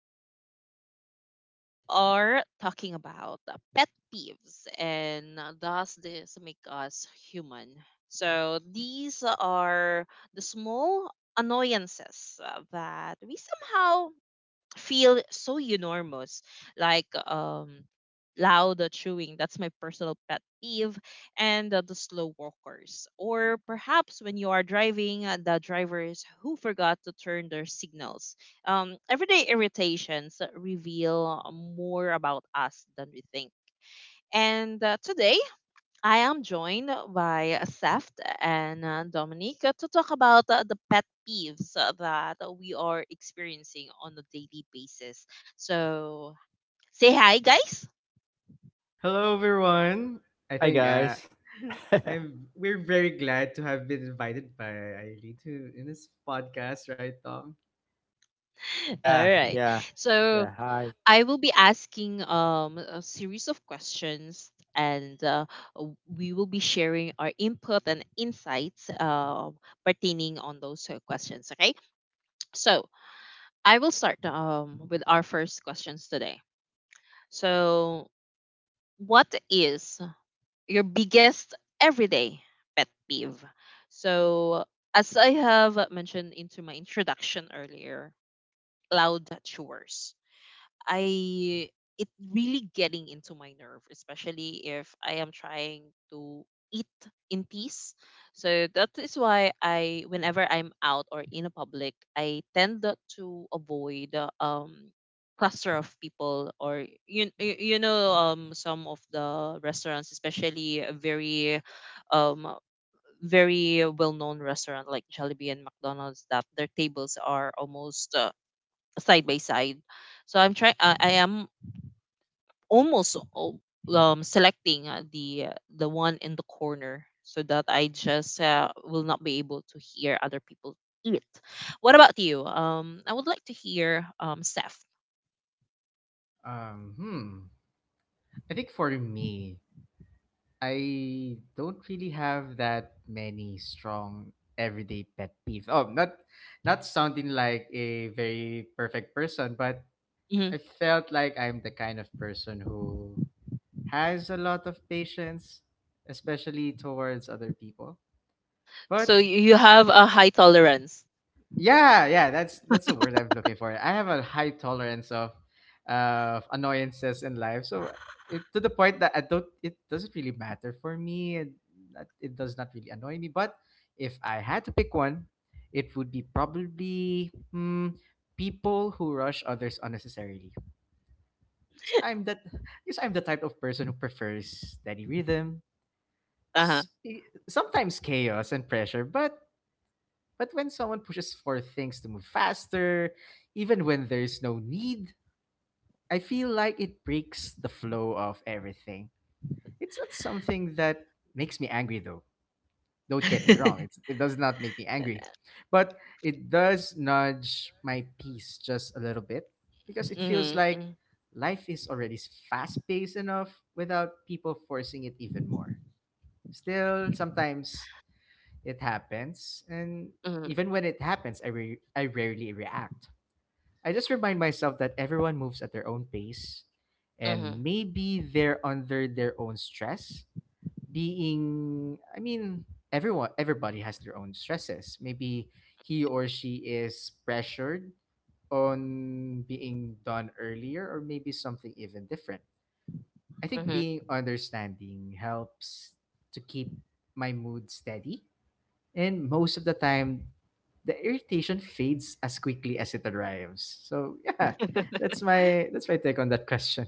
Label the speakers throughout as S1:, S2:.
S1: today we are talking about pet peeves and does this make us human? So these are the small annoyances that we somehow feel so enormous like loud chewing. That's my personal pet peeve and the slow walkers, or perhaps when you are driving, the drivers who forgot to turn their signals. Everyday irritations reveal more about us than we think. And today I am joined by Seft and Dominique to talk about the pet peeves that we are experiencing on a daily basis. So, say hi, guys.
S2: Hello, everyone. I think
S3: Hi guys.
S2: I'm. We're very glad to have been invited by Eileen to in this podcast, right, Tom?
S1: All
S3: Yeah,
S1: right.
S3: yeah,
S1: So,
S3: yeah. Hi.
S1: I will be asking a series of questions, and w- we will be sharing our input and insights pertaining on those questions. Okay. So, I will start with our first questions today. So, what is your biggest everyday pet peeve? So, as I have mentioned into my introduction earlier, loud chores. I it really getting into my nerve, especially if I am trying to eat in peace. So that is why I, whenever I'm out or in a public, I tend to avoid cluster of people, or some of the restaurants, especially a um very well known restaurant like Jollibee and McDonald's, that their tables are almost side by side. So I'm trying. I am almost al- selecting the one in the corner, so that I just will not be able to hear other people eat. What about you? I would like to hear Steph.
S2: Um, hmm. I think for me, I don't really have that many strong everyday pet peeves. Oh, not sounding like a very perfect person, but
S1: Hmm.
S2: I felt like I'm the kind of person who has a lot of patience, especially towards other people. But
S1: So you have a high tolerance.
S2: yeah, that's the word I'm looking for. I have a high tolerance of annoyances in life, so to the point that I don't. It doesn't really matter for me. It does not really annoy me. But if I had to pick one, it would be probably people who rush others unnecessarily. Because I'm that. Because I'm the type of person who prefers steady rhythm,
S1: Uh huh.
S2: sometimes chaos and pressure, but when someone pushes for things to move faster, even when there's no need, I feel like it breaks the flow of everything. It's not something that makes me angry though. Don't get me wrong, it does not make me angry. But it does nudge my peace just a little bit because it feels like
S1: Mm-hmm,
S2: life is already fast paced enough without people forcing it even more. Still, sometimes it happens, and
S1: mm-hmm,
S2: even when it happens, I rarely react. I just remind myself that everyone moves at their own pace,
S1: mm-hmm,
S2: and maybe they're under their own stress. I mean, everybody has their own stresses. Maybe he or she is pressured on being done earlier, or maybe something even different. I think
S1: mm-hmm.
S2: being understanding helps to keep my mood steady, and most of the time, the irritation fades as quickly as it arrives. So yeah, that's my take on that question.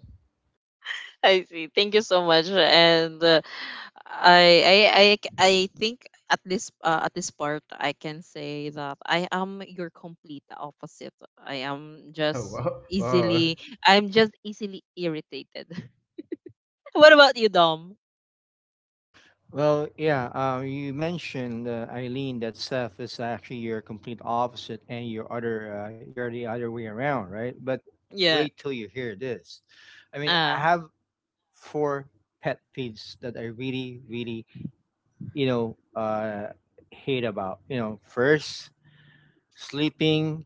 S1: I see. Thank you so much. And I think at this part, I can say that I am your complete opposite. I am
S2: Oh
S1: just
S2: wow, wow.
S1: easily. I'm just easily irritated. What about you, Dom?
S3: Well, yeah. You mentioned Eileen that Seth is actually your complete opposite, and your other, you're the other way around, right? But
S1: Yeah.
S3: wait till you hear this. I mean, I
S1: Uh.
S3: have four pet peeves that I really, really, you know, uh, hate about. First, sleeping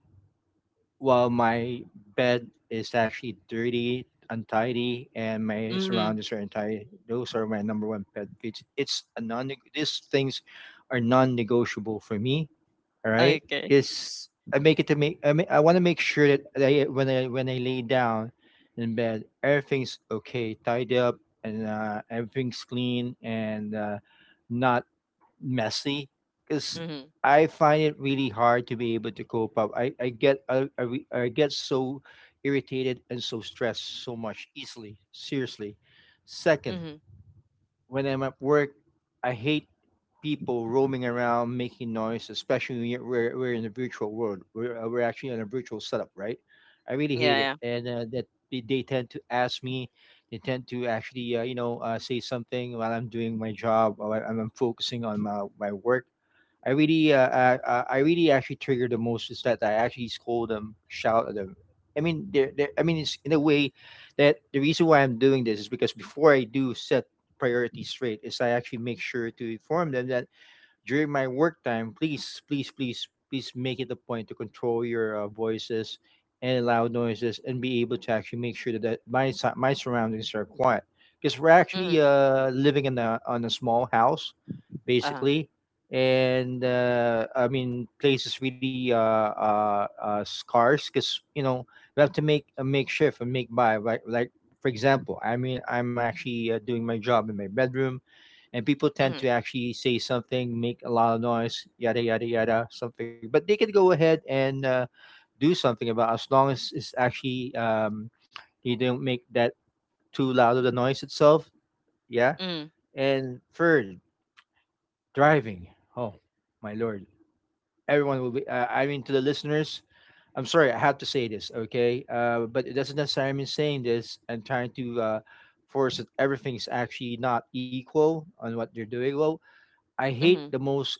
S3: while my bed is actually dirty, untidy, and my
S1: Mm.
S3: surroundings are untidy. Those are my number one pet peeves. It's a non. These things are non-negotiable for me. All right,
S1: Okay.
S3: this I make it to make. I mean, I want to make sure that when I lay down in bed, everything's okay, tidy up, and everything's clean and not messy, because
S1: Mm.
S3: I find it really hard to be able to cope up. I get I, re- I get so irritated and so stressed so much easily. Seriously. Second,
S1: Mm.
S3: when I'm at work, I hate people roaming around making noise, especially when we're in a virtual world. We're actually in a virtual setup, right? I really hate it.
S1: Yeah.
S3: And that they tend to ask me. They tend to actually, say something while I'm doing my job, while I'm focusing on my work. I really actually trigger the most is that I actually scold them, shout at them. I mean, I mean, it's in a way that the reason why I'm doing this is because before I do set priorities straight, is I actually make sure to inform them that during my work time, please, please, please, please make it a point to control your voices and loud noises, and be able to actually make sure that my surroundings are quiet. Because we're
S1: Yeah.
S3: actually
S1: Mm.
S3: living in a on a small house,
S1: Uh.
S3: basically, and I mean, place is really scarce. Because we have to make a makeshift and make by for example. I mean, I'm actually doing my job in my bedroom, and people tend
S1: Mm.
S3: to actually say something, make a lot of noise, yada yada yada, something. But they can go ahead and do something about, as long as it's actually you don't make that too loud of the noise itself. Yeah.
S1: Mm.
S3: And third, driving. Oh my lord, everyone will be. I mean, to the listeners, I'm sorry, I have to say this, okay? But it doesn't necessarily mean saying this and trying to force that everything's actually not equal on what they're doing. Well, I hate
S1: Mm.
S3: the most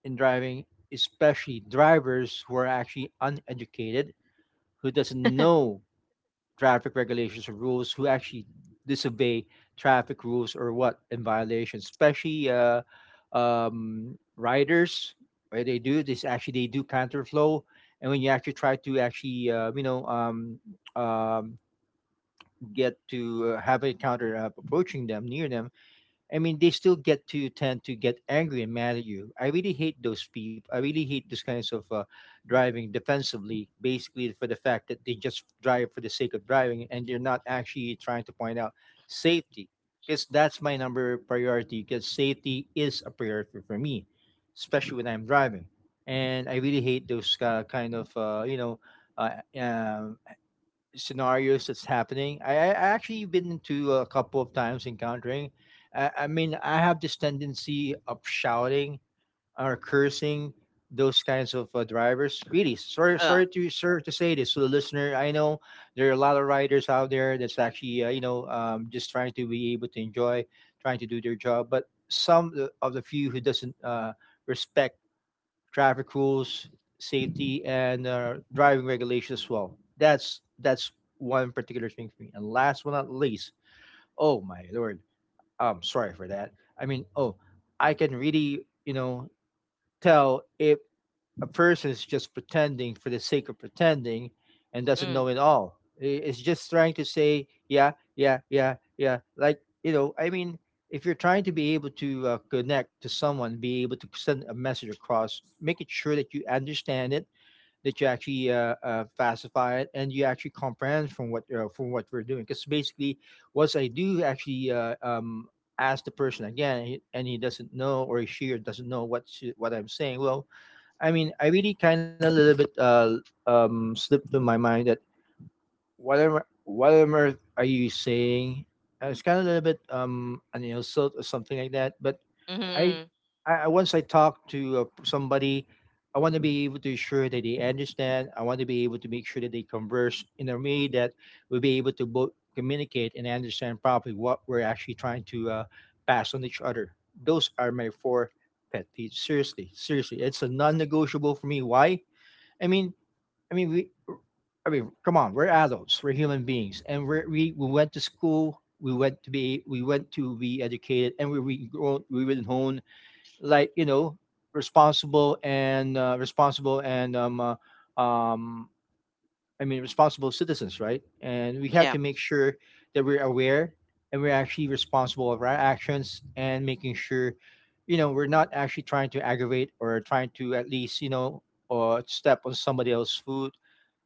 S3: in driving, especially drivers who are actually uneducated, who doesn't know traffic regulations or rules, who actually disobey traffic rules or what in violation, especially riders. What they do this actually they do counterflow, and when you actually try to actually um, get to have a counter approaching them near them. I mean, they still get to tend to get angry and mad at you. I really hate those people. I really hate those kinds of driving defensively, basically, for the fact that they just drive for the sake of driving and they're not actually trying to point out safety. Because that's my number priority. Because safety is a priority for me, especially when I'm driving. And I really hate those kind of uh, um scenarios that's happening. I actually been into a couple of times encountering. I mean, I have this tendency of shouting or cursing those kinds of drivers. Really, sorry,
S1: Uh.
S3: sorry to sir to say this to the listener. I know there are a lot of riders out there that's actually just trying to be able to enjoy, trying to do their job, but some of the few who doesn't respect traffic rules, safety, and driving regulations as well. That's one particular thing for me. And last but not least, oh my lord, I'm sorry for that. I mean, oh, I can really tell if a person is just pretending for the sake of pretending and doesn't
S1: Mm.
S3: know it all. It's just trying to say, yeah, yeah, yeah, yeah. Like, I mean, if you're trying to be able to connect to someone, be able to send a message across, make it sure that you understand it, that you actually facify it, and you actually comprehend from what we're doing. Because basically, once I do actually ask the person again, and he doesn't know, or she, or doesn't know what I'm saying. Well, I mean, I really kind of a little bit slipped to my mind that what on earth are you saying? It's kind of a little bit an insult or something like that. But I,
S1: Mm.
S3: once I talk to somebody, I want to be able to ensure that they understand. I want to be able to make sure that they converse in a way that we'll be able to both communicate and understand properly what we're actually trying to pass on each other. Those are my four pet peeves. Seriously, seriously, it's a non-negotiable for me. Why? I mean, I mean, we, I mean, come on, we're adults, we're human beings, and we went to school, we went to be educated, and we grown, we were known, like, responsible, and responsible, and um, I mean, responsible citizens, right? And we have
S1: Yeah.
S3: to make sure that we're aware, and we're actually responsible of our actions, and making sure, we're not actually trying to aggravate or trying to at least, or step on somebody else's food,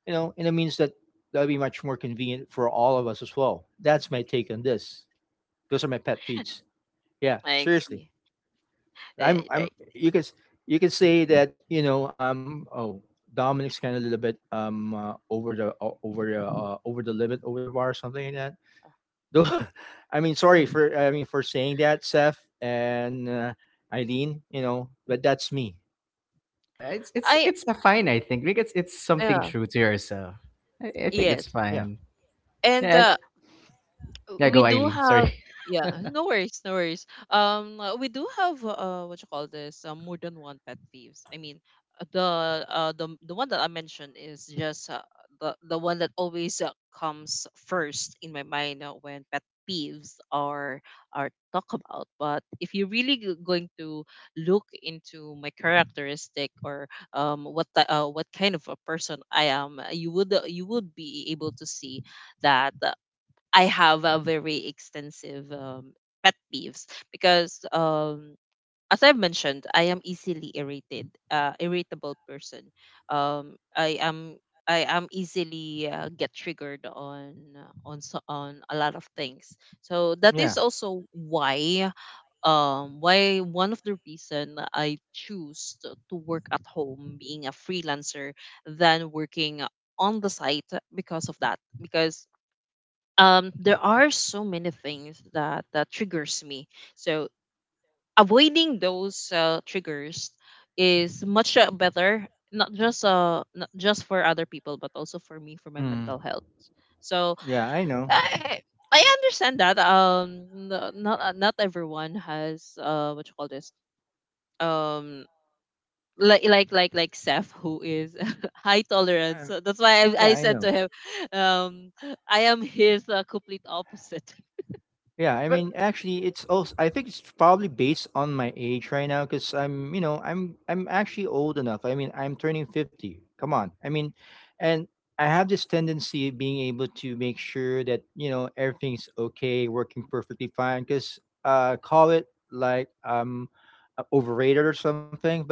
S3: and it means that that would be much more convenient for all of us as well. That's my take on this. Those are my pet peeves. Yeah,
S1: I see.
S3: seriously.
S1: Uh,
S3: I'm
S1: right.
S3: You can you can say that oh, Dominic's kind of a little bit over the limit, over the bar, something like that. Though I mean, sorry for I mean for saying that, Seth and Eileen, but that's me.
S2: It's it's
S1: I.
S2: it's a fine, I think, because it's something
S1: Yeah.
S2: true to yourself. I think it's
S1: Yes.
S3: Yeah,
S2: fine.
S1: And
S2: Yeah, yeah.
S1: we
S2: Go,
S1: do
S2: Eileen. Sorry.
S1: have yeah,
S2: yeah,
S1: no worries, no worries. We do have uh, what you call this, more than one pet peeves. I mean, uh, the the one that I mentioned is just the one that always comes first in my mind when pet peeves are talk about. But if you're going to look into my characteristic, or what kind of a person I am, you would be able to see that I have a very extensive pet peeves, because, as I've mentioned, I am easily irritated, irritable person. Um, I am I am easily get triggered on on a lot of things. So that
S3: yeah,
S1: is also why why one of the reason I choose to work at home, being a freelancer, than working on the site, because of that, because there are so many things that that triggers me, so avoiding those triggers is much better, not just not just for other people, but also for me, for my
S3: mm,
S1: mental health. So
S3: yeah, I know.
S1: i I understand that, not not everyone has uh, what you call this, um like Seth, who is high tolerance.
S3: Um,
S1: So that's why
S3: yeah,
S1: I
S3: I
S1: said to
S3: know.
S1: him um I am his complete opposite.
S3: Yeah, I
S2: but
S3: mean, actually, it's also. I think it's probably based on my age right now, because I'm actually old enough. I mean, I'm turning 50. Come on, I mean, and I have this tendency of being able to make sure that everything's okay, working perfectly fine. Because call it like overrated or something, but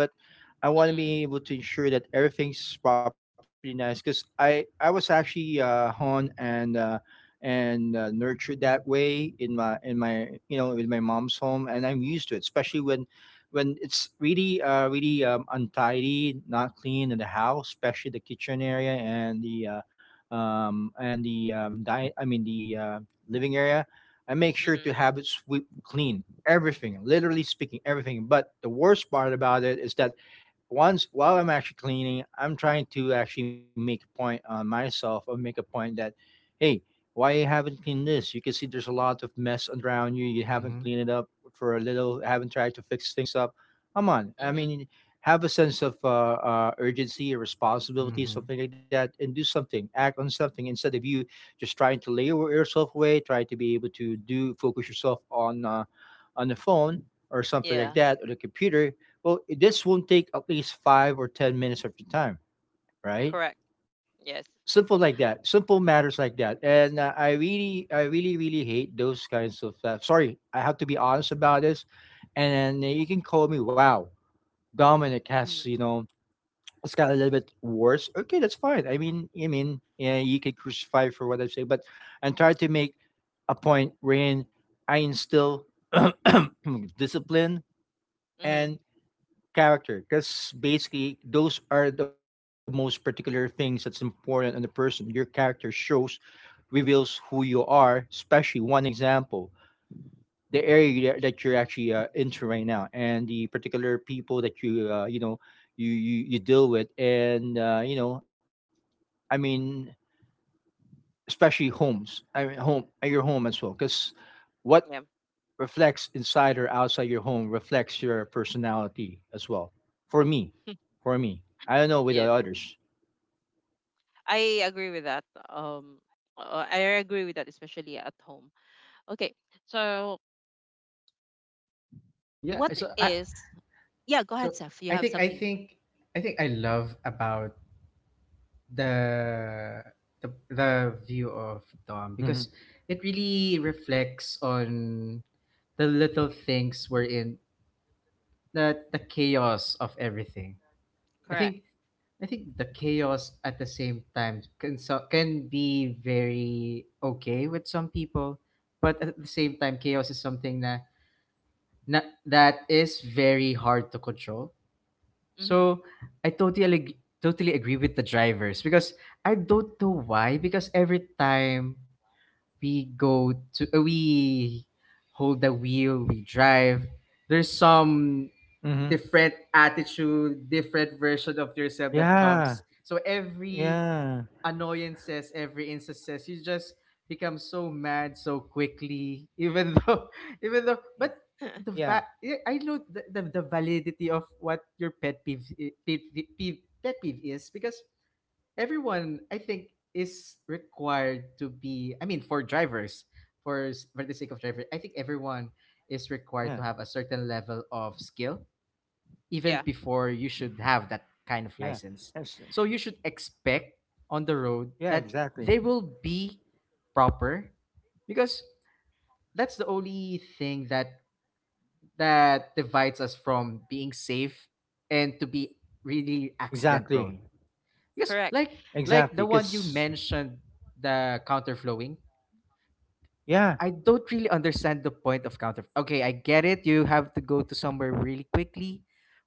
S3: I want to be able to ensure that everything's properly nice. Because I was actually on and. And nurtured that way in my with my mom's home, and I'm used to it, especially when it's really really, untidy, not clean in the house, especially the kitchen area, and the I mean, the living area. I make sure
S1: Mhm.
S3: to have it sweep clean, everything, literally speaking, everything. But the worst part about it is that once, while I'm actually cleaning, I'm trying to actually make a point on myself, or make a point that, hey, why you haven't cleaned this? You can see there's a lot of mess around you. You haven't
S2: mm-hmm.
S3: cleaned it up for a little. Haven't tried to fix things up. Come on, I
S1: Mhm.
S3: mean, have a sense of urgency or responsibility,
S2: Mm-hmm.
S3: something like that, and do something. Act on something instead of you just trying to lay yourself away. Try to be able to do focus yourself on on the phone, or something like
S1: Yeah.
S3: that, or the computer. Well, this won't take at least 5 or 10 minutes of your time, right?
S1: Correct. Yes.
S3: Simple like that. Simple matters like that. And I really, really hate those kinds of stuff. Sorry, I have to be honest about this. And then you can call me, wow, Dominic
S1: Mhm.
S3: has, it's got a little bit worse. Okay, that's fine. Yeah, you could crucify for what I say, but I'm trying to make a point wherein I instill discipline
S1: Mhm.
S3: and character, because basically those are the most particular things that's important in the person. Your character shows, reveals who you are. Especially one example, the area that you're actually into right now and the particular people that you you know you deal with. And i mean especially homes, home, your home as well, because what
S1: Yeah.
S3: reflects inside or outside your home reflects your personality as well. For me, I don't know with the
S1: Yes.
S3: others.
S1: I agree with that. I agree with that, especially at home. Okay. So,
S2: Yeah.
S1: what is? Yeah. Go
S2: So
S1: ahead, Seth. You
S2: I
S1: have
S2: think I
S1: something.
S2: think I think I love about the the view of Dom because
S3: hmm
S2: it really reflects on the little things we're in the chaos of everything. I
S1: Correct.
S2: think I think the chaos at the same time can be very okay with some people, but at the same time, chaos is something that na, that is very hard to control.
S1: Mhm.
S2: So I totally ag- totally agree with the drivers because I don't know why, because every time we go to we hold the wheel, we drive, there's some
S3: hmm
S2: different attitude, different version of yourself that
S3: Yeah,
S2: comes. So every
S3: yeah,
S2: annoyances, every instances, you just become so mad so quickly, even but
S3: yeah, yeah,
S2: I know the validity of what your pet peeve is, because everyone I think is required to be. I mean, for drivers, for the sake of driver, I think everyone is
S3: yeah,
S2: required to have a certain level of skill even
S1: Yeah.
S2: before you should have that kind
S3: yeah.
S2: of
S3: That's
S2: license. So you should expect on the
S3: yeah,
S2: road that
S3: exactly,
S2: they will be proper, because that's the only thing that that divides us from being safe and to be really accident
S3: exactly,
S2: prone. Because
S1: Correct.
S2: like
S3: exactly.
S2: the one you
S3: Cause
S2: mentioned, the counterflowing,
S3: yeah,
S2: I don't really understand the point of counter. Okay, I get it. You have to go to somewhere really quickly,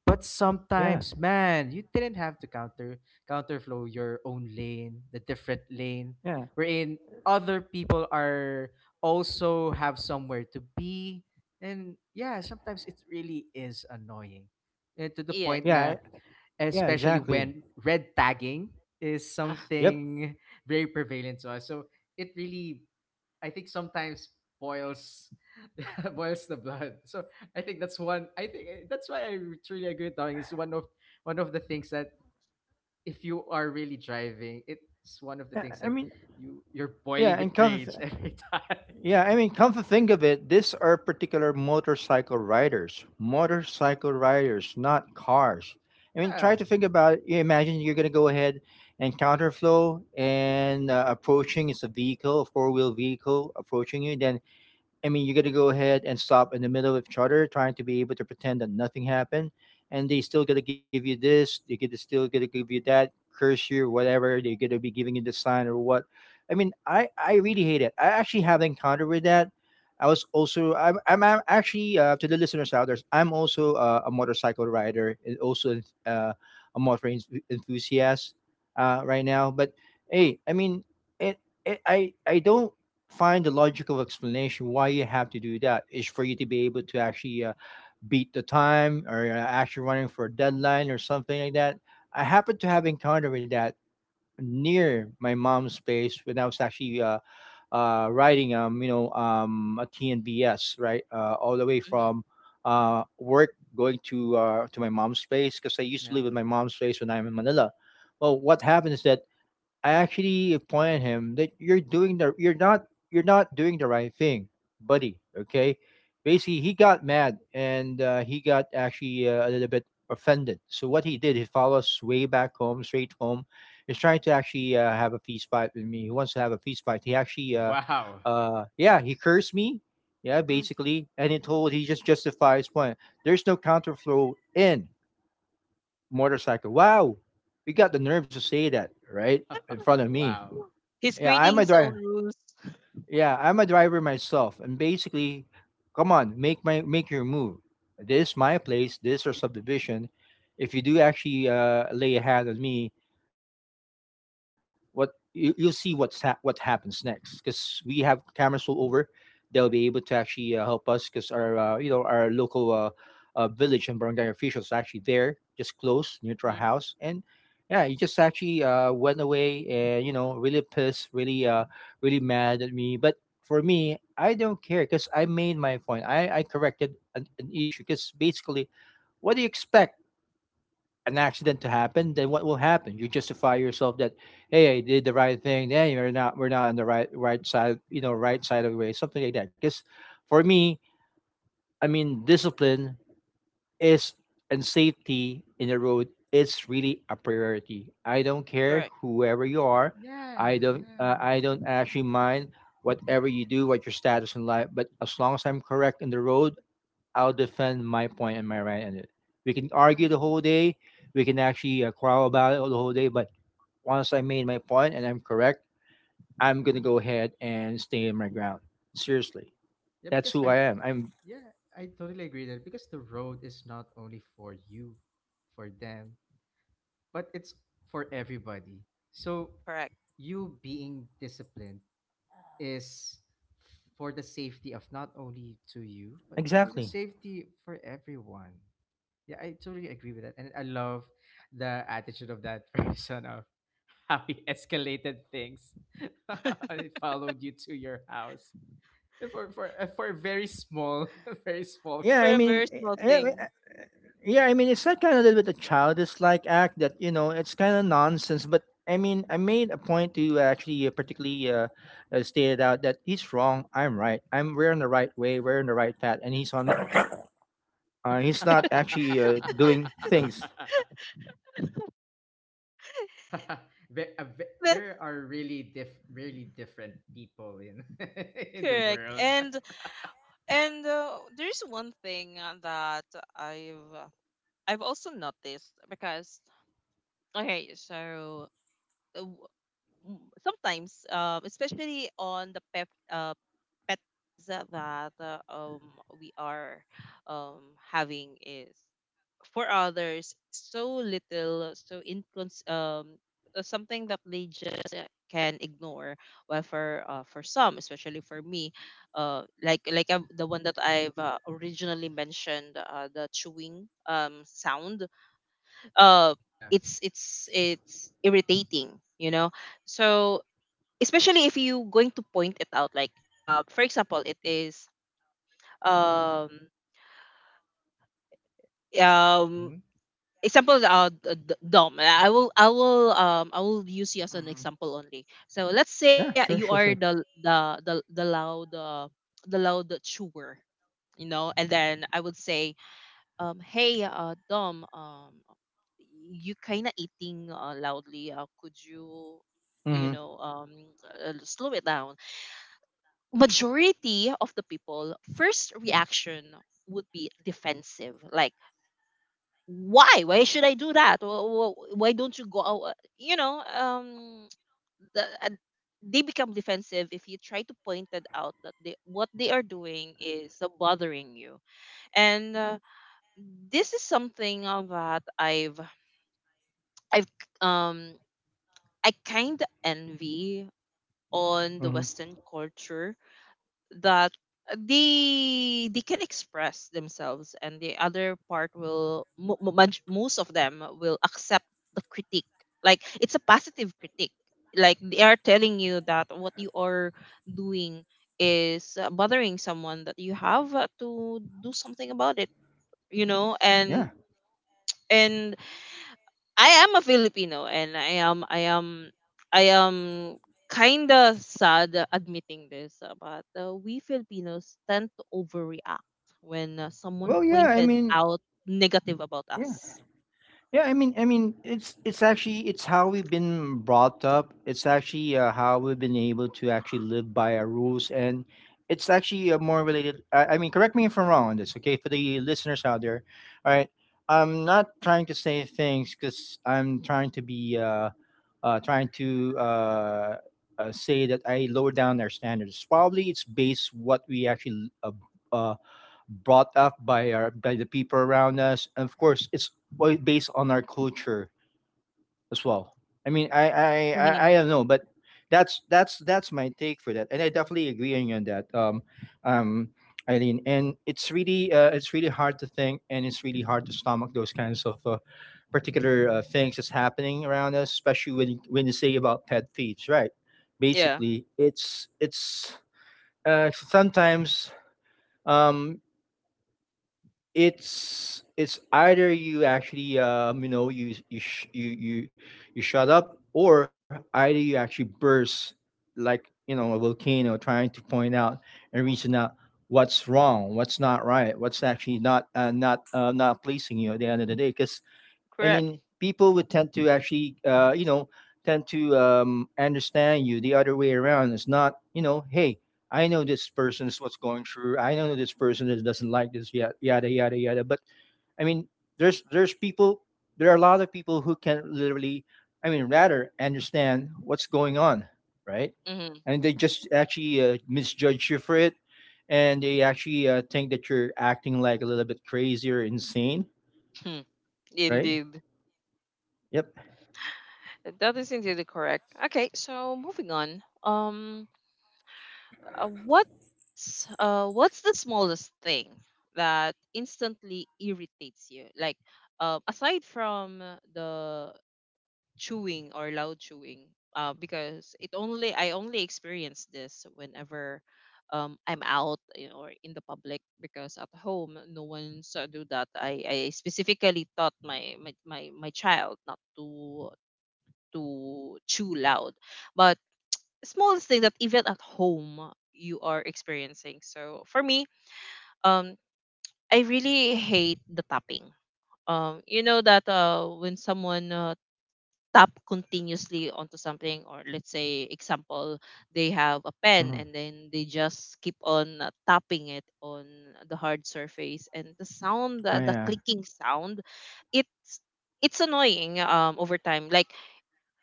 S2: but
S3: yeah,
S2: sometimes, man, you didn't have to counter counterflow your own lane, the different lane,
S3: yeah,
S2: wherein other people are also have somewhere to be, and yeah, sometimes it really is annoying, eh, to the
S1: Yes.
S2: point
S3: yeah,
S2: na,
S3: yeah,
S2: especially
S3: exactly.
S2: when red tagging is
S1: Uh,
S3: Yep.
S2: something very prevalent to us. So it really, I think, sometimes boils boils the blood. So I think that's one. I think eh, that's why I truly agree with Tawing. It's one of the things that if you are really driving, it's one of the
S3: I,
S2: things
S3: I
S2: that
S3: mean,
S2: you're
S3: yeah,
S2: boiling
S3: and
S2: with
S3: coffee.
S2: rage every time.
S3: Yeah, I mean, come to think of it, these are particular motorcycle riders, not cars. I mean, try
S2: Yeah.
S3: to think about it. You imagine you're going to go ahead and counterflow, and approaching, it's a vehicle, a four-wheel vehicle approaching you. Then I mean, you got to go ahead and stop in the middle of each other, trying to be able to pretend that nothing happened, and they still got to give you this, they get to still got to give you that, curse you, whatever. They are going to be giving you the sign or what. I mean, I really hate it. I actually have encountered with that. I was also I'm actually to the listeners out there, I'm also a motorcycle rider and also a enthusiast right now. But hey, I mean, it, it I don't find the logical explanation. Why you have to do that is for you to be able to actually beat the time or actually running for a deadline or something like that. I happened to have encountered with that
S2: Mhm.
S3: near my mom's place when I was actually riding you know a TNBS, right, all the way
S1: mhm.
S3: from work going to my mom's place, because I used to
S2: Yeah.
S3: live with my mom's place when I'm in Manila. Well, what happened is that I actually point at him that you're not, you're not doing the right thing, buddy. Okay, basically he got mad, and he got actually a little bit offended. So what he did, he followed us way back home, straight home. He's trying to actually have a feast fight with me. He wants to have a feast fight. He actually,
S2: Oh wow.
S3: yeah, he cursed me. Yeah, basically, and he told, he just justified his point. There's no counterflow in motorcycle. Wow, you got the nerves to say that, right? In front of me.
S2: wow.
S1: He's
S3: Yeah,
S1: creating
S3: I'm a
S1: his own
S3: driver.
S1: rules.
S3: Yeah, I'm a driver myself, and basically, come on, make my make your move. This is my place. This is our subdivision. If you do actually lay a hand on me, you'll see what happens next, because we have cameras all over. They'll be able to actually help us, because our our local village and barangay officials are actually there just close near to our
S1: Mm,
S3: house. And yeah, he just actually went away, and you know, really pissed, really really mad at me. But for me, I don't care, because I made my point. I corrected an issue, because basically, what do you expect, an accident to happen? Then what will happen? You justify yourself that, hey, I did the right thing. Then you're not, we're not on the right side, you know, right side of the way, something like that. Because for me, I mean, discipline is, and safety in the road is really a priority. I don't care
S1: correct,
S3: whoever you are.
S2: Yeah, yeah,
S3: I don't actually mind whatever you do, what your status in life. But as long as I'm correct in the road, I'll defend my point and my right in it. We can
S2: yeah.
S3: argue the whole day. We can actually quarrel about it the whole day. But once I made my point and I'm correct, I'm gonna go ahead and stay in my ground. Seriously,
S2: Yeah,
S3: that's
S2: because
S3: who
S2: I
S3: I am. I'm
S2: Yeah, I totally agree that, because the road is not only for you, for them, but it's for everybody. So
S1: correct.
S2: you being disciplined is for the safety of not only to you, but for the
S3: exactly.
S2: safety for everyone. Yeah, I totally agree with that. And I love the attitude of that person, of how he escalated things. He followed you to your house for a very small, very small
S3: Yeah,
S1: For
S3: I
S1: a
S2: thing.
S3: mean,
S1: very small thing.
S3: yeah, I mean, it's that kind of little bit a childish like act that you know it's kind of nonsense. But I mean, I made a point to actually particularly stated out that he's wrong, I'm right. I'm We're in the right way, we're in the right path, and he's on the he's not actually doing things.
S2: There are really diff really different people in in the
S1: Correct.
S2: world.
S1: And there's one thing that I've uh, I've also noticed, because okay, so uh, w- sometimes, especially on the pet peeves that we are um having is for others so little, so incons something that they just can ignore. Well, for some, especially for me, like I the one that I've originally mentioned, the chewing sound, uh
S2: Yeah.
S1: it's irritating, you know. So especially if you going to point it out like for example, it is um um
S2: Hmm.
S1: example, Dom, I will use you as an example only. So let's
S3: Yeah,
S1: say
S3: sure,
S1: you are the loud chewer, you know, and then I would say, hey, Dom, you kind of eating loudly. Could you,
S3: Mm-hmm.
S1: you know, slow it down? Majority of the people, first reaction would be defensive. Like, why? Why should I do that? Why don't you go out? You know, the, uh, they become defensive if you try to point it out that they, what they are doing is bothering you. And this is something that I've um I kind of envy on the
S3: Mm-hmm.
S1: Western culture, that they can express themselves, and the other part will most of them will accept the critique. Like it's a positive critique. Like they are telling you that what you are doing is bothering someone, that you have to do something about it. You know,
S3: Yeah.
S1: and I am a Filipino, and I am kind of sad admitting this, but we Filipinos tend to overreact when someone
S3: Well, yeah. I
S1: pointed
S3: mean,
S1: out negative about
S3: yeah.
S1: us.
S3: Yeah, I mean, it's actually it's how we've been brought up. It's actually how we've been able to actually live by our rules, and it's actually more related. I mean, correct me if I'm wrong on this, okay? For the listeners out there, all right. I'm not trying to say things because I'm trying to be trying to say that I lower down our standards. Probably it's based what we actually uh, brought up by our, by the people around us, and of course, it's based on our culture as well. I mean,
S1: Mm-hmm.
S3: I don't know, but that's that's my take for that, and I definitely agree on you on that, um, Eileen. And it's really hard to think, and it's really hard to stomach those kinds of. Particular things that's happening around us, especially when you say about pet thieves, right?
S1: Yeah,
S3: Basically it's sometimes um, it's either you actually you know you you shut up, or either you actually burst like, you know, a volcano, trying to point out and reason out what's wrong, what's not right, what's actually not not pleasing you at the end of the day. Because I
S1: correct.
S3: mean, people would tend to actually, tend to understand you the other way around. It's not, you know, hey, I know this person is what's going through. I know this person is, doesn't like this, yada, yada, yada, yada. But I mean, there's there's people, there are a lot of people who can literally, I mean, rather understand what's going on, right?
S1: Mm-hmm.
S3: And they just actually misjudge you for it, and they actually think that you're acting like a little bit crazy or insane, right?
S1: Indeed.
S3: Yep.
S1: That is indeed correct. Okay, so moving on. Um, Uh, what's the smallest thing that instantly irritates you? Like, aside from the chewing or loud chewing, because it only I only experience this whenever I'm out, you know, or in the public, because at home no one's do that. I specifically taught my child not to to chew loud. But smallest thing that even at home you are experiencing. So for me, um, I really hate the tapping. You know that when someone tap continuously onto something, or let's say example, they have a pen, and
S3: Mm-hmm.
S1: then they just keep on tapping it on the hard surface, and the sound,
S3: Oh,
S1: the
S3: yeah.
S1: clicking sound, it's it's annoying over time. Like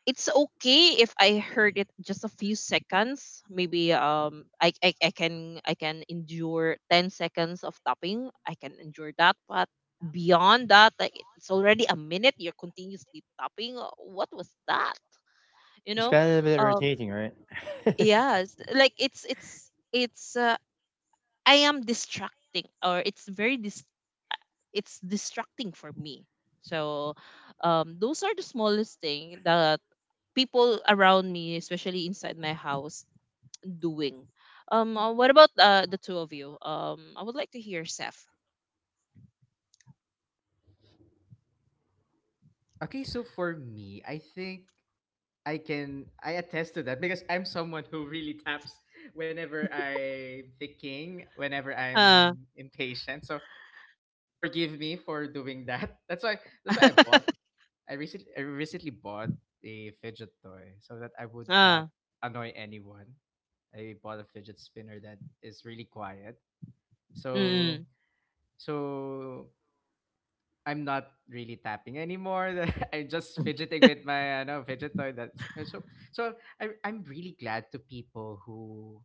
S1: it's okay if I heard it just a few seconds. Maybe I, I I can I can endure 10 seconds of tapping. I can endure that, but beyond that, like it's already a minute. You're continuously tapping. Uh, what was that? You
S3: It's
S1: know,
S3: kind of a bit
S1: um
S3: irritating, right?
S1: yes, like it's I am distracting, or it's distracting for me. So, those are the smallest thing that people around me, especially inside my house, doing. What about the two of you? I would like to hear Seth.
S2: Okay, so for me, I can I attest to that because I'm someone who really taps whenever I'm thinking, whenever
S1: Uh,
S2: I'm impatient. So forgive me for doing that. That's why I bought I recently bought a fidget toy so that I would
S1: ah,
S2: not annoy anyone. I bought a fidget spinner that is really quiet.
S1: mm,
S2: So so I'm not really tapping anymore. I'm just fidgeting with my no, fidget toy. That's so so I'm really glad to people who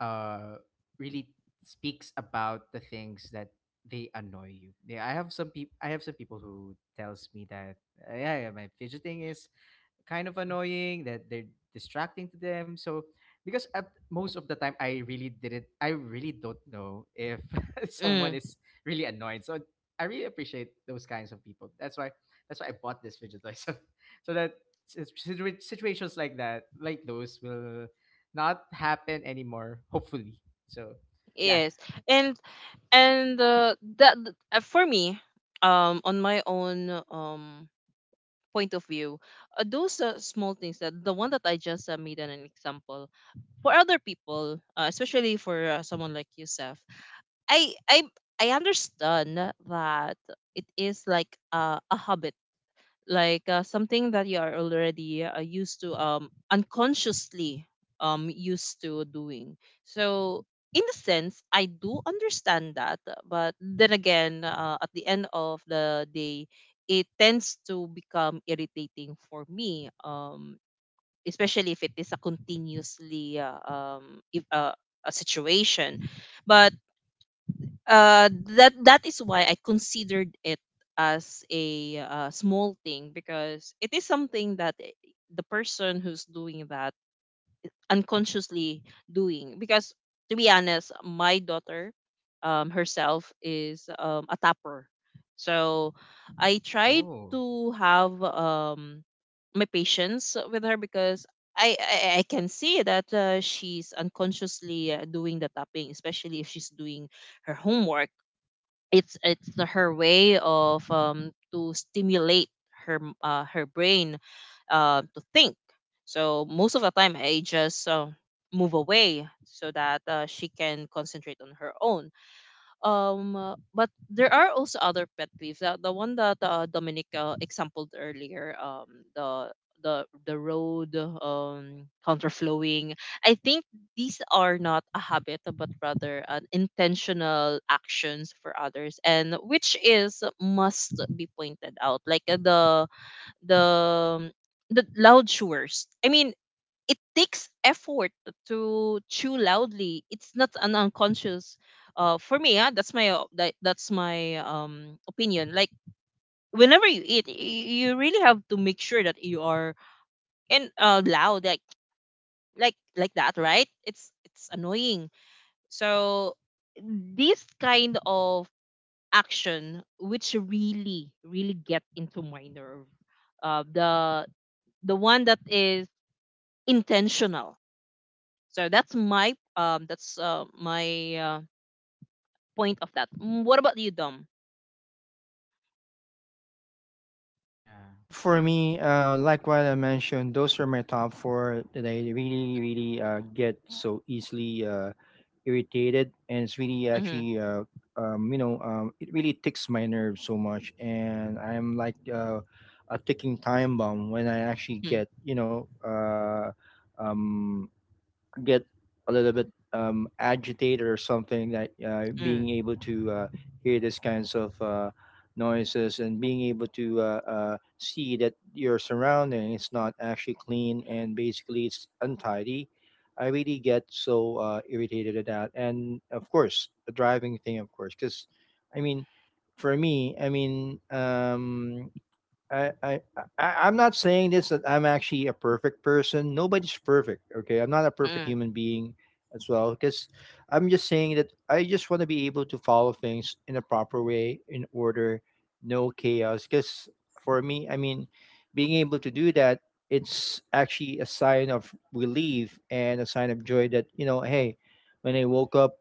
S2: uh really speaks about the things that they annoy you. Yeah, I have some people who tells me that yeah, my fidgeting is kind of annoying, that they're distracting to them. So because at most of the time I really don't know if someone
S1: mm,
S2: is really annoyed. So I really appreciate those kinds of people. That's why I bought this fidget toy. So so that situations like that, like those, will not happen anymore, hopefully. So yeah.
S1: yes, and and for me, on my own point of view, those small things that the one that I just made an example for other people, especially for someone like you, Seth. I I I understand that it is like a habit, like something that you are already used to, unconsciously, used to doing. So in a sense, I do understand that, but then again, at the end of the day, it tends to become irritating for me. Especially if it is a continuously if, a situation, but uh that that is why I considered it as a small thing, because it is something that the person who's doing that unconsciously doing. Because to be honest, my daughter herself is a tapper. So I tried
S2: Oh.
S1: to have my patience with her, because I can see that she's unconsciously doing the tapping, especially if she's doing her homework. It's her way of to stimulate her brain to think. So most of the time, I just move away so that she can concentrate on her own. But there are also other pet peeves, the one that Dominic exampled earlier, the the the road um counterflowing. I think these are not a habit, but rather an intentional actions for others, and which is must be pointed out, like the um, the loud showers. I mean, it takes effort to chew loudly. It's not an unconscious. For me, yeah, that's my opinion. Like whenever you eat, you really have to make sure that you are and loud like that, right? It's annoying. So this kind of action, which really get into my nerve, uh, the the one that is intentional. So that's my uh, point of that. Mm. What about you, Dom?
S2: Yeah.
S3: For me, like what I mentioned, those are my top four that I really, really get so easily irritated, and it's really
S1: Mm-hmm.
S3: actually, you know, it really ticks my nerves so much, and I'm like a ticking time bomb when I actually
S1: Mm-hmm.
S3: get, you know, um, get a little bit agitated, or something that being
S1: Mm-hmm.
S3: able to hear these kinds of noises, and being able to see that your surrounding is not actually clean and basically it's untidy, I really get so irritated at that. And of course the driving thing, of course, because I mean, for me, I, I, I'm not saying this that I'm actually a perfect person. Nobody's perfect. Okay, I'm not a perfect
S1: Mm-hmm.
S3: human being as well, because I'm just saying that I just want to be able to follow things in a proper way, in order, no chaos. Because for me, I mean, being able to do that, it's actually a sign of relief and a sign of joy that, you know, hey, when I woke up,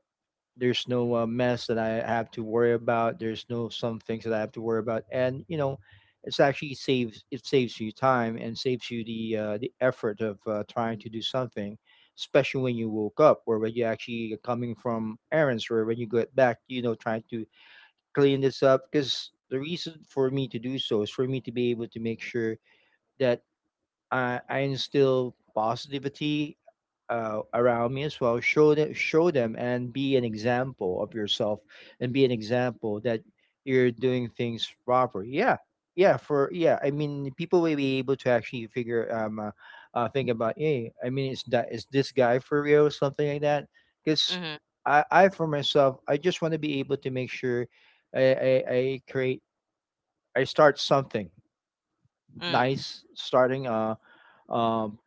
S3: there's no mess that I have to worry about. There's no some things that I have to worry about, and you know, it's actually saves you time and saves you the effort of trying to do something, especially when you woke up, or when you actually coming from errands, or when you get back, you know, trying to clean this up. Because the reason for me to do so is for me to be able to make sure that I instill positivity around me as well. Show them, show them and be an example of yourself, and be an example that you're doing things proper. Yeah, I mean, people will be able to actually figure think about, hey, I mean, is this guy for real, something like that. Because
S1: Mm-hmm.
S3: I for myself, I just want to be able to make sure I create, I start something
S1: Mm.
S3: nice starting. Um,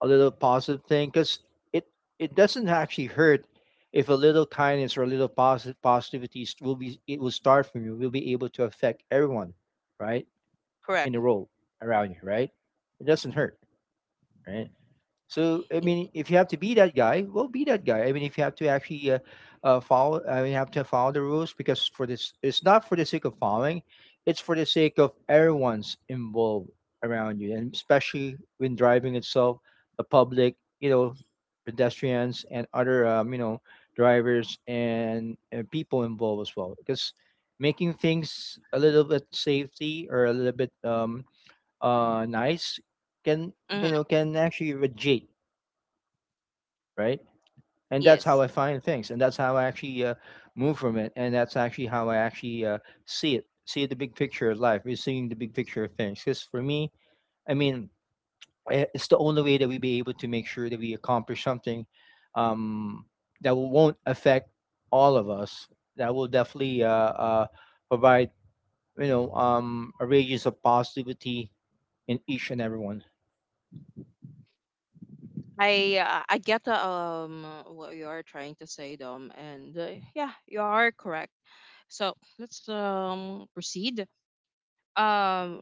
S3: a little positive thing, because it it doesn't actually hurt if a little kindness or a little positive positivity will be, it will start from you, will be able to affect everyone, right, in
S1: Correct.
S3: the world around you, right? It doesn't hurt, right? So I mean, if you have to be that guy, well, be that guy. I mean, if you have to actually follow, I mean, have to follow the rules because for this, it's not for the sake of following, it's for the sake of everyone's involved around you, and especially when driving itself, the public, you know, pedestrians and other, you know, drivers and people involved as well. Because making things a little bit safety or a little bit nice can, you
S1: Mm-hmm.
S3: know, can actually reduce, right? And that's how
S1: Yes.
S3: I find things, and that's how I actually move from it, and that's actually how I actually see it, see the big picture of life, is seeing the big picture of things. Because for me, I mean, it's the only way that we be able to make sure that we accomplish something um, that won't affect all of us. That will definitely provide, you know, um, a radius of positivity in each and everyone.
S1: I get what you are trying to say, Dom, and yeah, you are correct. So let's proceed. Um,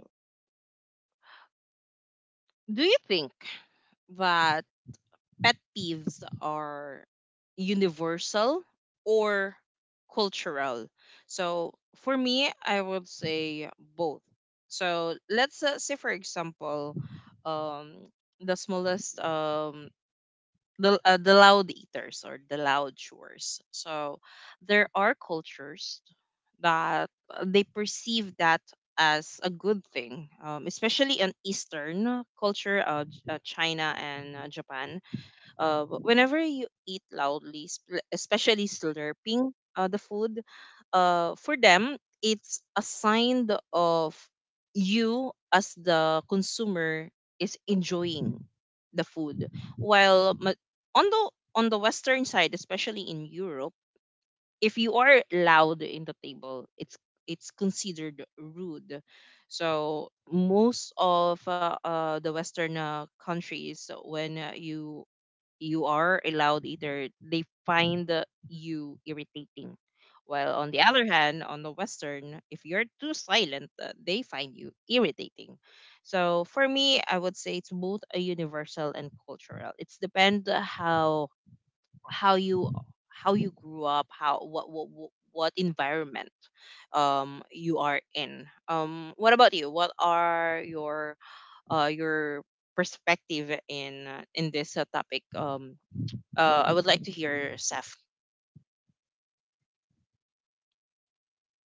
S1: do you think that pet peeves are universal or cultural? So for me, I would say both. So let's say, for example, um, the smallest, the loud eaters or the loud chewers. So there are cultures that they perceive that as a good thing, especially in Eastern culture, China and Japan. Whenever you eat loudly, especially slurping the food, for them, it's a sign of you as the consumer is enjoying the food. While ma- on the on the Western side, especially in Europe, if you are loud in the table, it's considered rude. So most of the Western countries, when you are allowed, either they find you irritating. While on the other hand, on the Western, if you're too silent, they find you irritating. So for me, I would say it's both a universal and cultural. It's depend how how you how you grew up, how what environment you are in. What about you? What are your uh your perspective in this topic? I would like to hear Saf.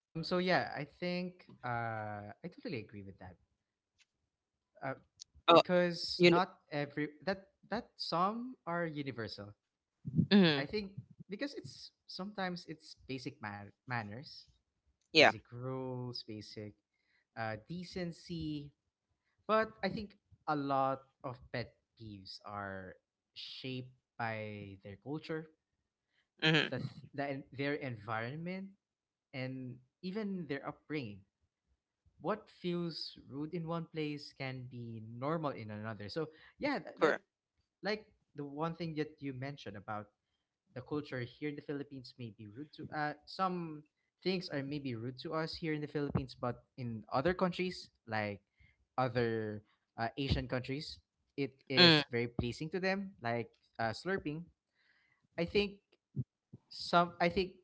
S2: So yeah, I totally agree with that. Uh,
S1: Oh,
S2: because
S1: you know,
S2: not every that that some are universal.
S1: mm,
S2: I think, because it's sometimes it's basic manners,
S1: yeah,
S2: basic rules, basic decency. But I think a lot of pet peeves are shaped by their culture,
S1: mm,
S2: their environment, and even their upbringing. What feels rude in one place can be normal in another. So yeah, that
S1: correct,
S2: like the one thing that you mentioned about the culture here in the Philippines may be rude to some things are maybe rude to us here in the Philippines, but in other countries like other Asian countries, it
S1: mm,
S2: is very pleasing to them. Like slurping, I think I think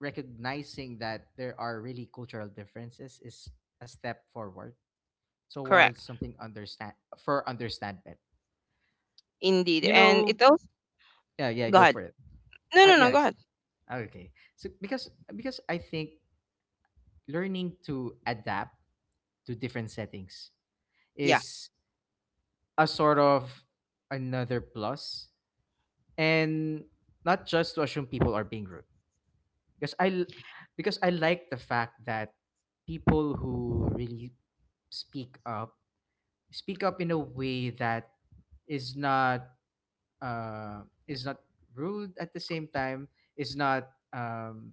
S2: recognizing that there are really cultural differences is a step forward
S1: correct,
S2: towards something understand for understanding.
S1: indeed.
S2: You
S1: And it
S2: know,
S1: also,
S2: yeah,
S1: go
S2: go
S1: ahead.
S2: for it.
S1: No, no, no, go
S2: Yes.
S1: ahead.
S2: Okay. So because I think learning to adapt to different settings
S1: Yeah,
S2: is a sort of another plus, and not just to assume people are being rude, because because I like the fact that people who really speak up speak up in a way that is not is not rude, at the same time is not um,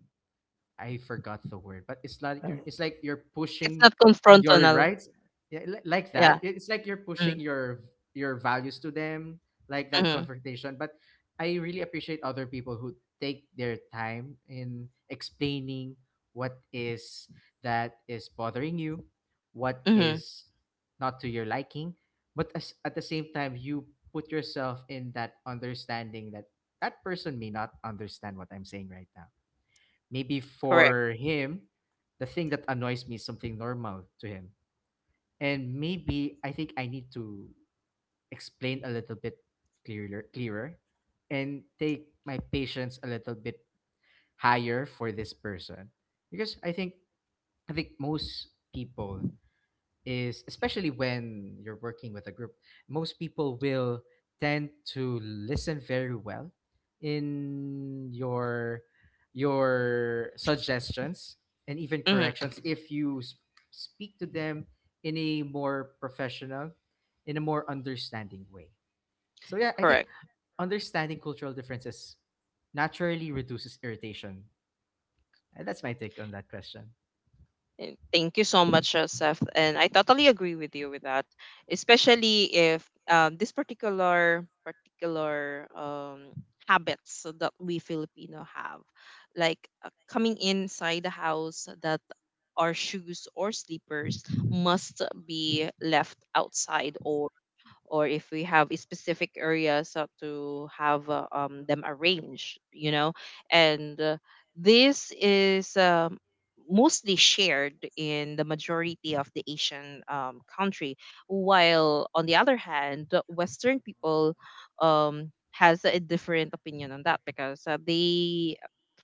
S2: I forgot the word, but it's like you're
S1: it's
S2: pushing
S1: not
S2: your
S1: confrontational.
S2: rights, yeah, like
S1: Yeah,
S2: that. It's like you're
S1: mm,
S2: pushing your values to them, like that
S1: mm,
S2: confrontation. But I really appreciate other people who take their time in explaining what is that is bothering you, what
S1: mm,
S2: is not to your liking, but as, at the same time you put yourself in that understanding that that person may not understand what I'm saying right now. Maybe
S1: correct,
S2: for him, the thing that annoys me is something normal to him. And maybe I think I need to explain a little bit clearer, and take my patience a little bit higher for this person. Because I think most people is, especially when you're working with a group, most people will tend to listen very well in your suggestions and even
S1: mm,
S2: corrections if you speak to them in a more professional, in a more understanding way. So yeah, I think
S1: correct.
S2: understanding cultural differences naturally reduces irritation. And that's my take on that question.
S1: And thank you so much, Seth, and I totally agree with you with that, especially if this particular habits that we Filipino have, like coming inside the house that our shoes or slippers must be left outside or if we have a specific areas so to have them arranged, you know. And this is mostly shared in the majority of the Asian country, while on the other hand, the Western people um, has a different opinion on that because they,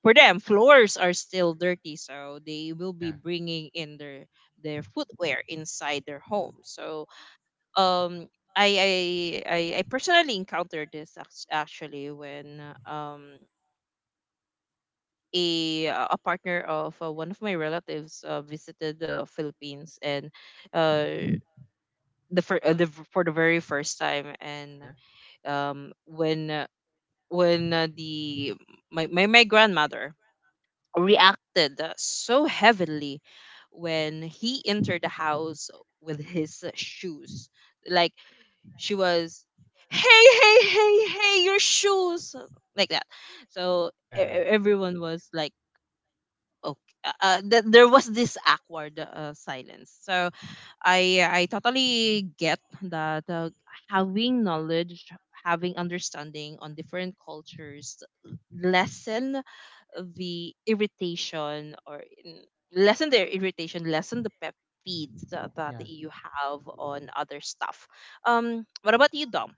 S1: for them, floors are still dirty, so they will be
S2: Yeah,
S1: bringing in their footwear inside their home. So um, I personally encountered this actually when um a partner of one of my relatives visited the Philippines and uh, the, for the very first time,
S2: yeah,
S1: and um, when uh, when the my grandmother reacted so heavily when he entered the house with his shoes. Like she was, hey hey hey hey, your shoes, like that. So
S2: yeah,
S1: everyone was like okay. There was this awkward silence. So I totally get that having knowledge, having understanding on different cultures, lessen the irritation, or lessen their irritation, lessen the pep peeves that, that
S2: yeah.
S1: you have on other stuff. What about you, Dom?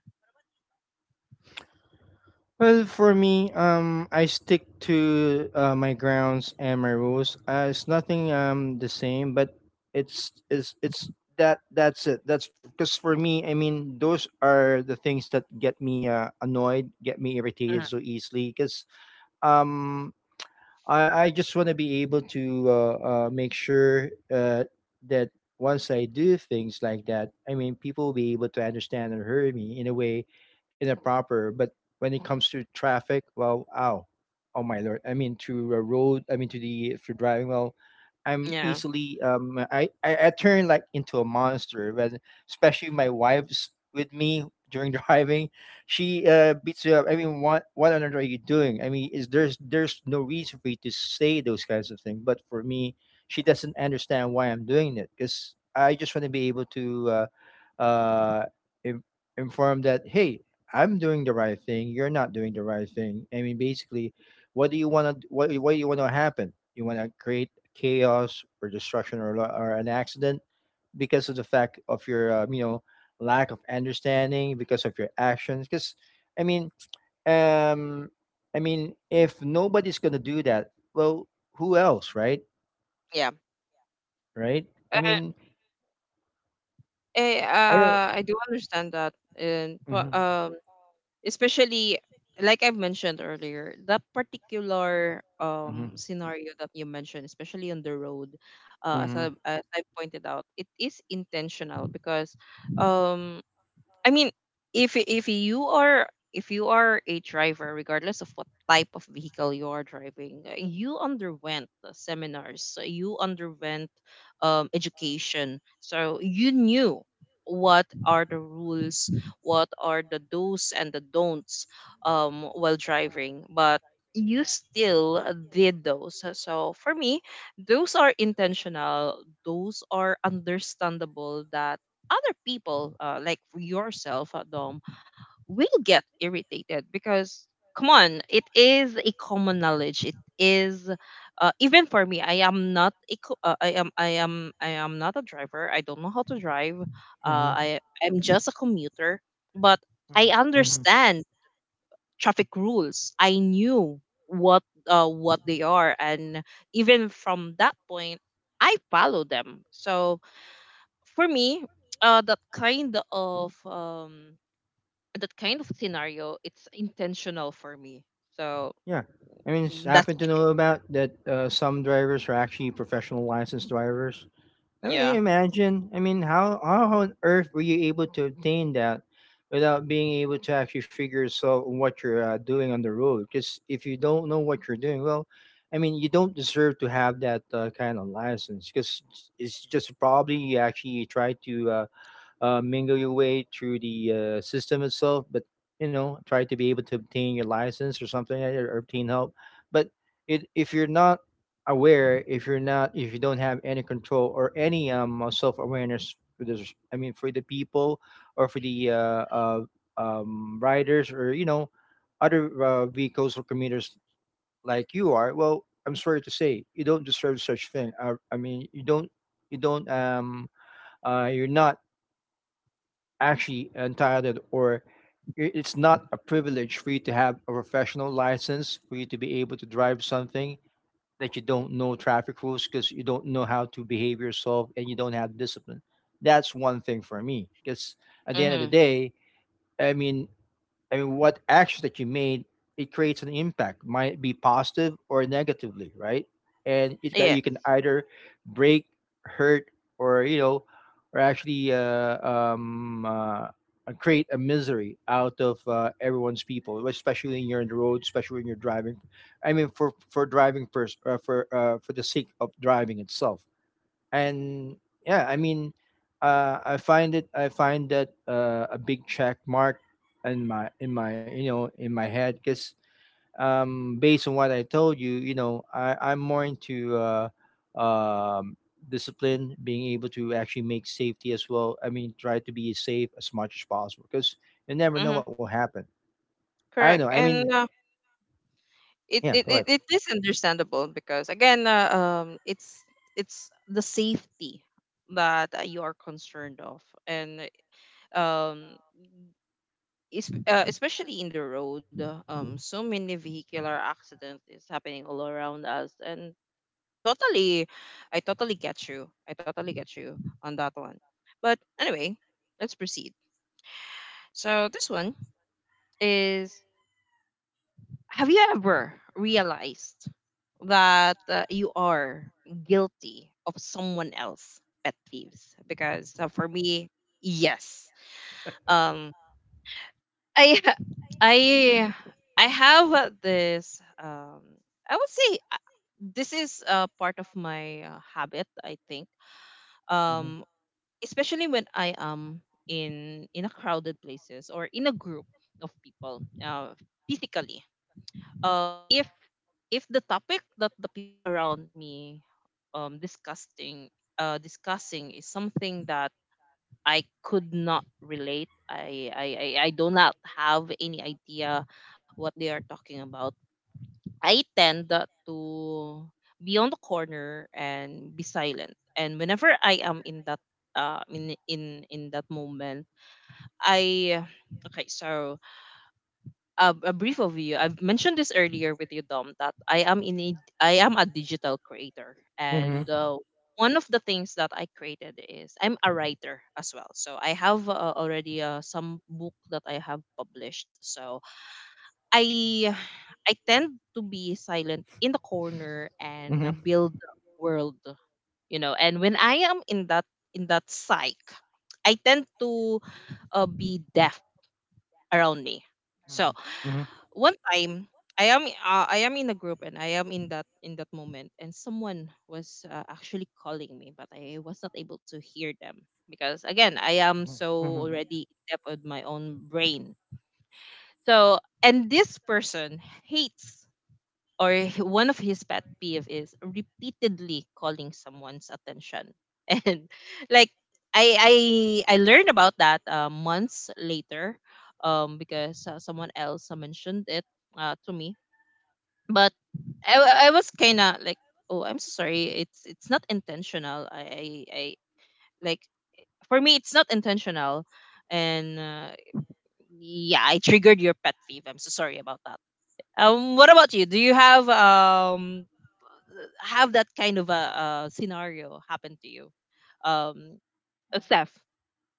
S3: Well, for me, I stick to my grounds and my rules. It's nothing the same, but it's that that's it. That's because for me, I mean, those are the things that get me annoyed, get me
S1: Mhm.
S3: irritated so easily. Because um, I just want to be able to make sure that once I do things like that, I mean, people will be able to understand and hear me in a way, in a proper. But when it comes to traffic, well, ow, oh my lord! I mean, to a road, I mean, to the for driving, well, I'm
S1: Yeah,
S3: easily, I turn like into a monster. When especially my wife's with me during driving, she beats you up. I mean, what on earth are you doing? I mean, is there's no reason for you to say those kinds of things. But for me, she doesn't understand why I'm doing it because I just want to be able to uh, in, inform that hey, I'm doing the right thing. You're not doing the right thing. I mean, basically, what do you want to what do you want to happen? You want to create chaos or destruction or or an accident because of the fact of your you know, lack of understanding because of your actions because i mean um I mean, if nobody's gonna do that, well, who else, right?
S1: yeah.
S3: Right. I mean,
S1: Yeah, I,
S3: I don't.
S1: uh, I do understand that, and but especially like I've mentioned earlier, that particular
S3: Hmm.
S1: scenario that you mentioned, especially on the road, as I
S3: Hmm.
S1: as I pointed out, it is intentional because um I mean, if if you are if you are a driver, regardless of what type of vehicle you are driving, you underwent the seminars, you underwent education, so you knew what are the rules, what are the do's and the don'ts while driving, but you still did those. So for me, those are intentional, those are understandable that other people, like for yourself at home, will get irritated because, come on, it is a common knowledge. It is, even for me, I am not a, I am not a driver. I don't know how to drive.
S3: Hmm.
S1: I am just a commuter, but I
S3: Hmm.
S1: understand traffic rules. I knew what what they are, and even from that point, I follow them. So for me, uh, that kind of um, that kind of scenario, it's intentional for me. So
S3: Yeah, I mean, it's
S1: that's
S3: happened to
S1: my
S3: know about that some drivers are actually professional licensed drivers. I mean,
S1: yeah.
S3: imagine. I mean, how on earth were you able to obtain that without being able to actually figure yourself what you're doing on the road? Because if you don't know what you're doing, well, I mean, you don't deserve to have that kind of license. Because it's just probably you actually try to mingle your way through the system itself, but you know, try to be able to obtain your license or something or obtain help. But it, if you're not aware, if you're not, if you don't have any control or any self-awareness for this, I mean, for the people or for the uh, riders or, you know, other vehicles or commuters like you are, well, I'm sorry to say, you don't deserve such thing. I mean, you don't, you're not actually entitled or it's not a privilege for you to have a professional license for you to be able to drive something that you don't know traffic rules because you don't know how to behave yourself and you don't have discipline. That's one thing for me, because at the end of
S1: Mm-hmm.
S3: the day, i mean I mean, what action that you made, it creates an impact, might be positive or negatively, right? And it
S1: Yes.
S3: you can either break, hurt, or, you know, or actually create a misery out of everyone's people, especially when you're on the road, especially when you're driving. I mean, for driving first, for the sake of driving itself and yeah, I mean, I find it, I find that a big check mark in my, in my, you know, in my head because um, based on what I told you, you know, I'm more into um discipline, being able to actually make safety as well. I mean, try to be safe as much as possible because you never know
S1: Mm-hmm.
S3: what will happen. I don't
S1: Correct.
S3: know, I
S1: And
S3: mean,
S1: it, it
S3: yeah,
S1: it
S3: go ahead.
S1: it is understandable because again, it's the safety that you are concerned of, and um, is especially in the road um, so many vehicular accidents is happening all around us, and i totally I totally get you, I totally get you on that one. But anyway, let's proceed. So this one is, have you ever realized that you are guilty of someone else pet peeves? Because for me, yes. Um, I ha- I I have this um, I would say this is part of my habit, I think. Um, especially when I am in a crowded places or in a group of people physically, um, if the topic that the people around me um discussing discussing is something that I could not relate. I do not have any idea what they are talking about. I tend to be on the corner and be silent. And whenever I am in that uh, in that moment, I okay. So a brief overview. I've mentioned this earlier with you, Dom, that I am a digital creator, and
S3: Mm-hmm.
S1: one of the things that I created is, I'm a writer as well. So I have already some book that I have published. So I I tend to be silent in the corner and
S3: Mm-hmm.
S1: build world, you know. And when I am in that psych, I tend to be deaf around me.
S3: Mm.
S1: So
S3: Mhm.
S1: one time I am in a group, and I am in that moment, and someone was actually calling me, but I was not able to hear them because again I
S3: Mhm.
S1: am
S3: Mhm.
S1: so already deep with my own brain. So and this person hates or one of his pet peeve is repeatedly calling someone's attention and like, I learned about that months later um, because someone else mentioned it to me, but I was kind of like, oh, I'm so sorry. It's not intentional. I Like, for me, it's not intentional, and yeah, I triggered your pet peeve. I'm so sorry about that. What about you? Do you have that kind of a scenario happen to you? Um, Steph,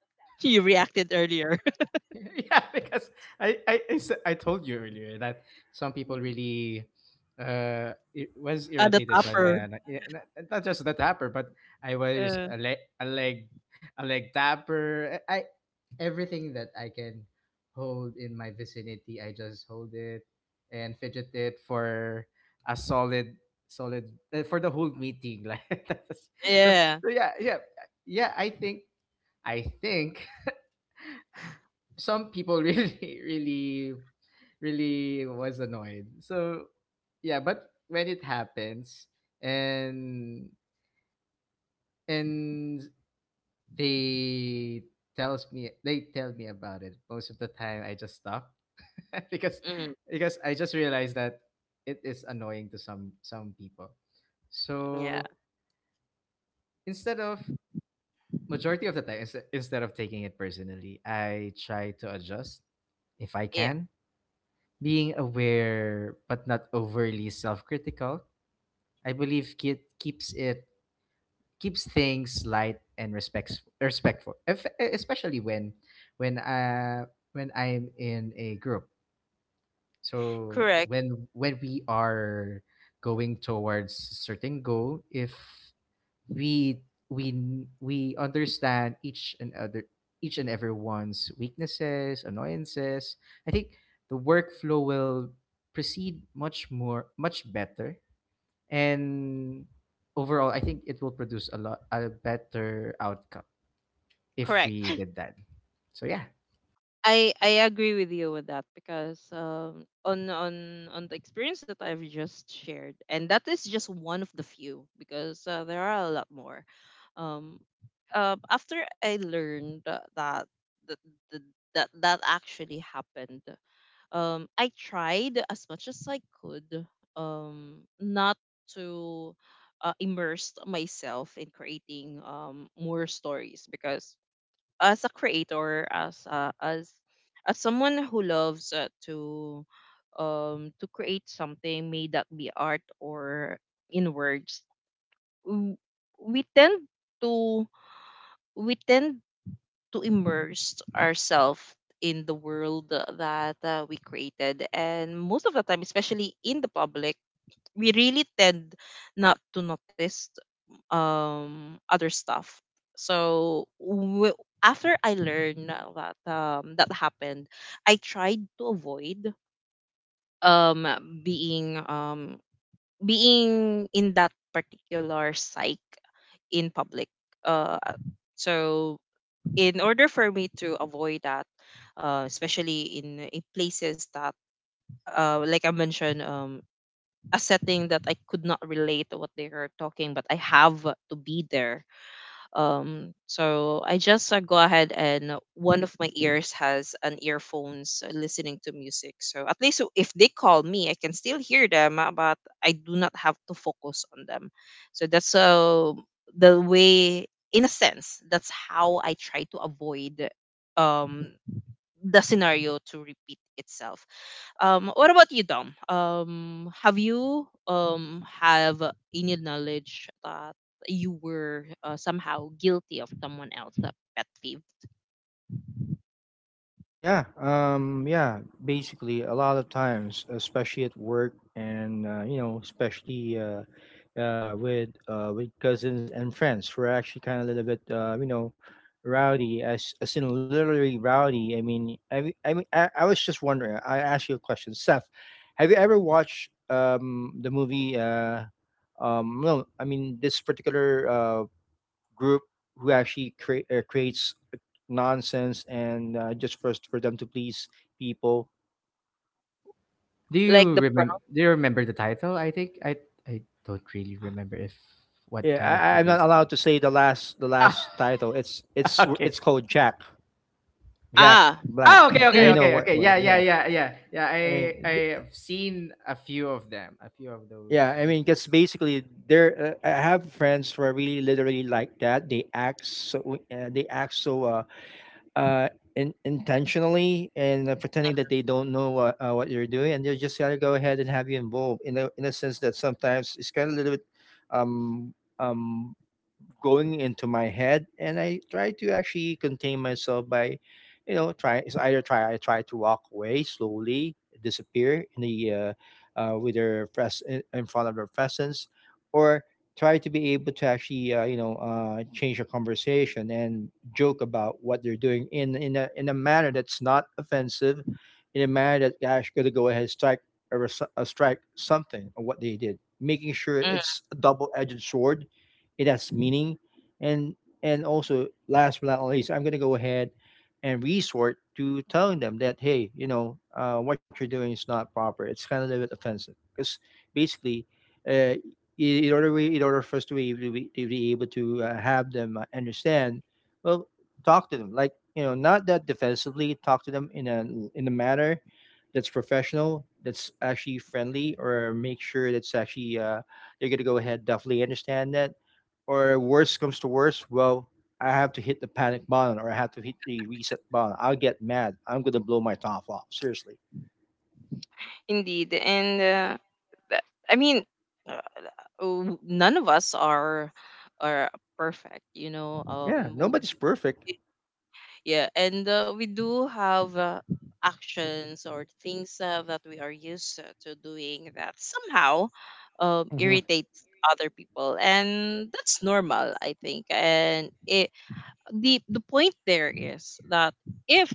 S1: you reacted earlier
S2: Yeah, because I told you earlier that some people really it was
S1: at the
S2: irritated by
S1: topper.
S2: my yeah, not just the tapper but I was
S1: Uh,
S2: a leg tapper. Everything that I can hold in my vicinity, I just hold it and fidget it for a solid solid for the whole meeting, like that's, so
S1: yeah.
S2: so yeah yeah. I think some people really really was annoyed. So yeah, but when it happens, and and they tells me they tell me about it, most of the time I just stop because
S1: Mm,
S2: I just realized that it is annoying to some people.
S1: yeah.
S2: So instead of, majority of the time, instead of taking it personally, I try to adjust if I
S1: Yeah.
S2: can. Being aware but not overly self-critical, I believe it keeps things light and respects respectful, especially when uh when I'm in a group. So
S1: Correct.
S2: when we are going towards certain goal, if we we we understand each and everyone's weaknesses, annoyances, I think the workflow will proceed much more much better, and overall I think it will produce a lot a better outcome if we
S1: Correct.
S2: did that. So yeah,
S1: I agree with you with that because on the experience that I've just shared, and that is just one of the few because there are a lot more. Um, After I learned that that, that actually happened, I tried as much as I could not to immerse myself in creating more stories because as a creator, as as someone who loves to create something, may that be art or in words, w- we tend to, we tend to immerse ourselves in the world that we created, and most of the time, especially in the public, we really tend not to notice other stuff. So after I learned that that happened, I tried to avoid um being being in that particular psych in public. Uh, so in order for me to avoid that, especially in places that like I mentioned a setting that I could not relate to what they are talking, but I have to be there. So I just go ahead and one of my ears has an earphones listening to music. So at least so if they call me, I can still hear them, but I do not have to focus on them. So that's the way, in a sense, that's how I try to avoid um, the scenario to repeat itself. What about you, Dom? Have you have any knowledge that you were somehow guilty of someone else that pet peeve?
S3: Yeah, yeah, basically a lot of times, especially at work and you know, especially with cousins and friends, we're actually kind of a little bit you know, rowdy as in literally rowdy. I mean, I was just wondering. I asked you a question, Seth. Have you ever watched the movie? No, I mean this particular group who actually creates nonsense and just for them to please people.
S2: do
S1: Like
S2: you
S1: the
S2: remember,
S1: prompt.
S2: do you remember the title? I think I don't really remember if what
S3: Yeah,
S2: kind of
S3: I'm
S2: movie
S3: not
S2: is that.
S3: allowed to say the
S2: Ah.
S3: last title. It's it's it's
S2: Okay.
S3: called Jack Jack
S1: Ah,
S3: Black.
S2: Oh, okay,
S3: I
S1: mm,
S3: know what what.
S2: Yeah,
S3: Yeah, I mean,
S2: I have seen a few of them, a few of
S3: yeah,
S2: those
S3: I mean, because
S2: movies.
S3: basically there I have friends who are really literally like that. They act so they act so. Uh, in, intentionally and pretending that they don't know what you're doing, and they just got to go ahead and have you involved in a sense that sometimes it's kind of a little bit um um going into my head and I try to actually contain myself by, you know, try it's either try I try to walk away slowly, disappear in the with their in front of their presence or try to be able to actually you know, change the conversation and joke about what they're doing in a manner that's not offensive, in a manner that actually going to go ahead and strike a strike something of what they did, making sure
S1: mm,
S3: it's a double-edged sword, it has meaning. and and also, last but not least, I'm going to go ahead and resort to telling them that hey, you know, what you're doing is not proper, it's kind of a bit offensive, because basically uh, i- in order we in order for us to to be able to have them understand, well, talk to them like, you know, not that defensively, talk to them in a manner that's professional, that's actually friendly, or make sure that's actually they're going to go ahead definitely understand that. Or worse comes to worse, well, I have to hit the panic button or I have to hit the reset button. I'll get mad. I'm gonna blow my top off. Seriously.
S1: indeed. And th- I mean, uh, none of us are perfect, you know.
S3: Yeah, nobody's perfect.
S1: Yeah, and we do have actions or things that we are used to doing that somehow
S3: Hmm.
S1: irritates other people, and that's normal, I think. And it, the point there is that if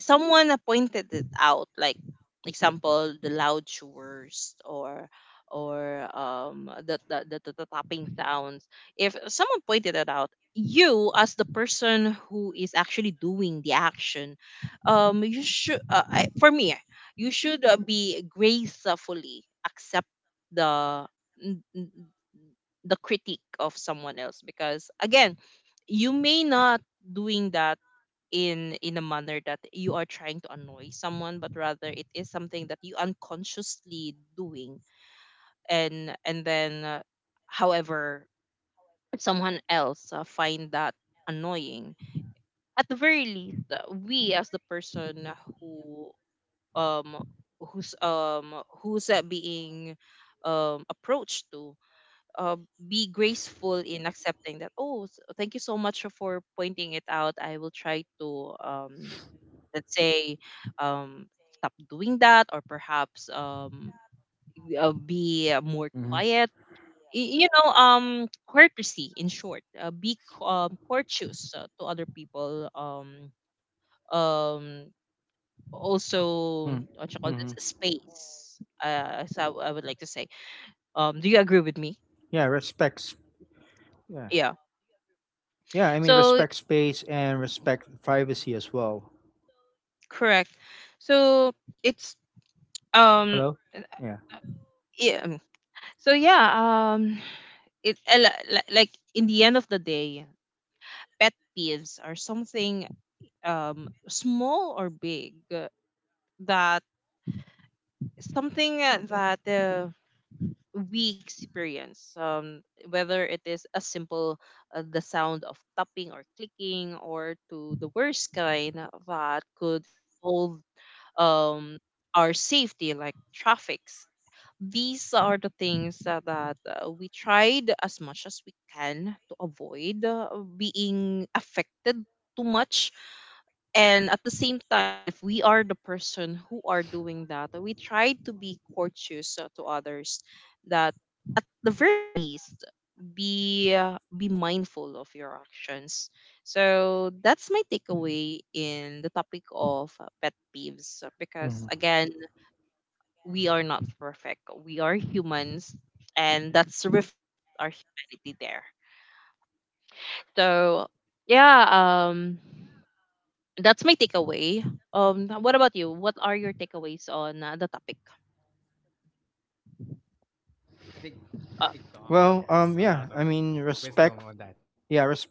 S1: someone pointed it out, like example the loud chores or the tapping sounds. If someone pointed it out, you as the person who is actually doing the action, you should for me, you should be gracefully accept the n- n- the critique of someone else, because again, you may not doing that in a manner that you are trying to annoy someone, but rather it is something that you unconsciously doing. And then however someone else find that annoying. At the very least, we as the person who um who's who's being approached to uh, be graceful in accepting that. Oh, thank you so much for pointing it out. I will try to let's say, um, stop doing that, or perhaps be more
S3: Hmm.
S1: quiet. You know, courtesy. In short, be courteous to other people. Um Also, what you call
S3: Mm-hmm.
S1: this, space. So I would like to say, do you agree with me?
S3: Yeah, respects. Yeah,
S1: Yeah.
S3: yeah. I mean,
S1: So
S3: respect space and respect privacy as well.
S1: correct. So it's, um
S3: Hello. Yeah.
S1: yeah. So yeah. It a like, in the end of the day, pet peeves are something, small or big, that something that we experience, whether it is a simple, the sound of tapping or clicking, or to the worst kind that could involve um, our safety, like traffics. These are the things that we tried as much as we can to avoid being affected too much. And at the same time, if we are the person who are doing that, we try to be courteous to others. That at the very least, be mindful of your actions. So that's my takeaway in the topic of pet peeves,
S3: Hmm.
S1: because again, we are not perfect, we are humans, and that's reflect our humanity there. So yeah. That's my takeaway. What about you? What are your takeaways on the topic?
S2: I think
S1: Uh,
S2: I think Dom
S3: Well,
S2: has a
S3: yeah,
S2: lot
S3: I
S2: of
S3: mean,
S2: wisdom on that.
S3: respect,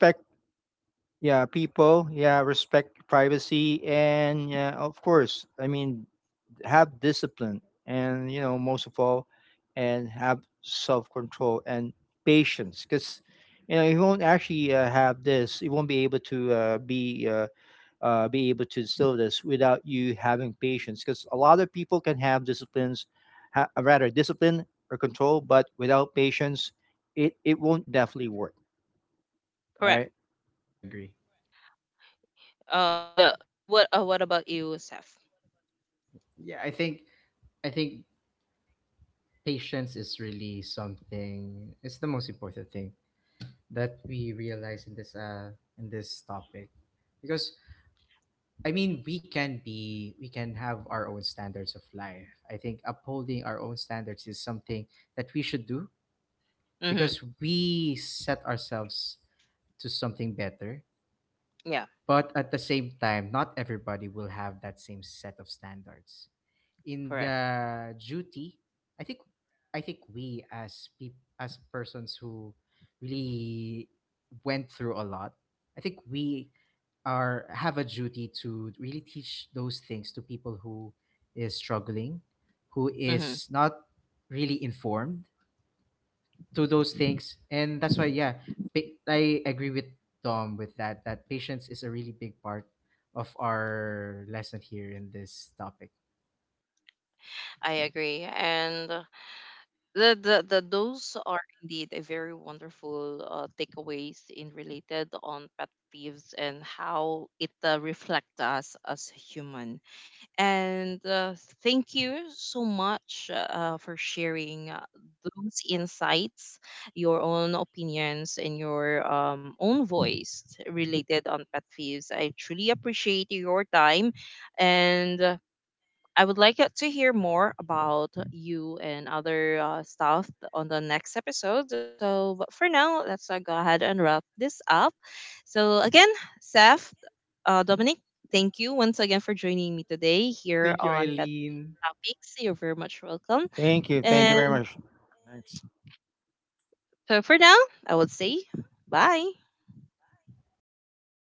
S3: yeah, people, yeah, respect privacy, and yeah, of course, I mean, have discipline, and you know, most of all, and have self control and patience, because, you know, you won't actually have this, you won't be able to instill this without you having patience, because a lot of people can have disciplines, rather discipline or control, but without patience, it won't definitely work,
S1: correct.
S3: right?
S2: I agree.
S1: Um, the what? What about you, Seth?
S2: Yeah, I think patience is really something. It's the most important thing that we realize in this topic, because I mean we can have our own standards of life. I think upholding our own standards is something that we should do
S1: Mm-hmm.
S2: because we set ourselves to something better,
S1: Yeah,
S2: but at the same time not everybody will have that same set of standards in
S1: correct.
S2: the duty. i think I think we, as people, as persons who really went through a lot, I think we are have a duty to really teach those things to people who is struggling, who
S1: Mm-hmm.
S2: is not really informed to those things. And that's why yeah, I agree with Tom with that, that patience is a really big part of our lesson here in this topic.
S1: I agree, and the those are indeed a very wonderful takeaways in related on pet peeves and how it reflects us as human. And thank you so much for sharing those insights, your own opinions, and your own voice related on pet peeves. I truly appreciate your time, and I would like to hear more about you and other stuff on the next episode. So, but for now, let's go ahead and wrap this up. So, again, Seth, Dominic, thank you once again for joining me today here
S2: Thank you,
S1: on Pet
S2: Eileen.
S1: Topics. You're very much welcome.
S3: Thank you, thank you very
S1: And
S3: much. Thanks.
S1: so for now, I would say bye.
S3: Bye guys.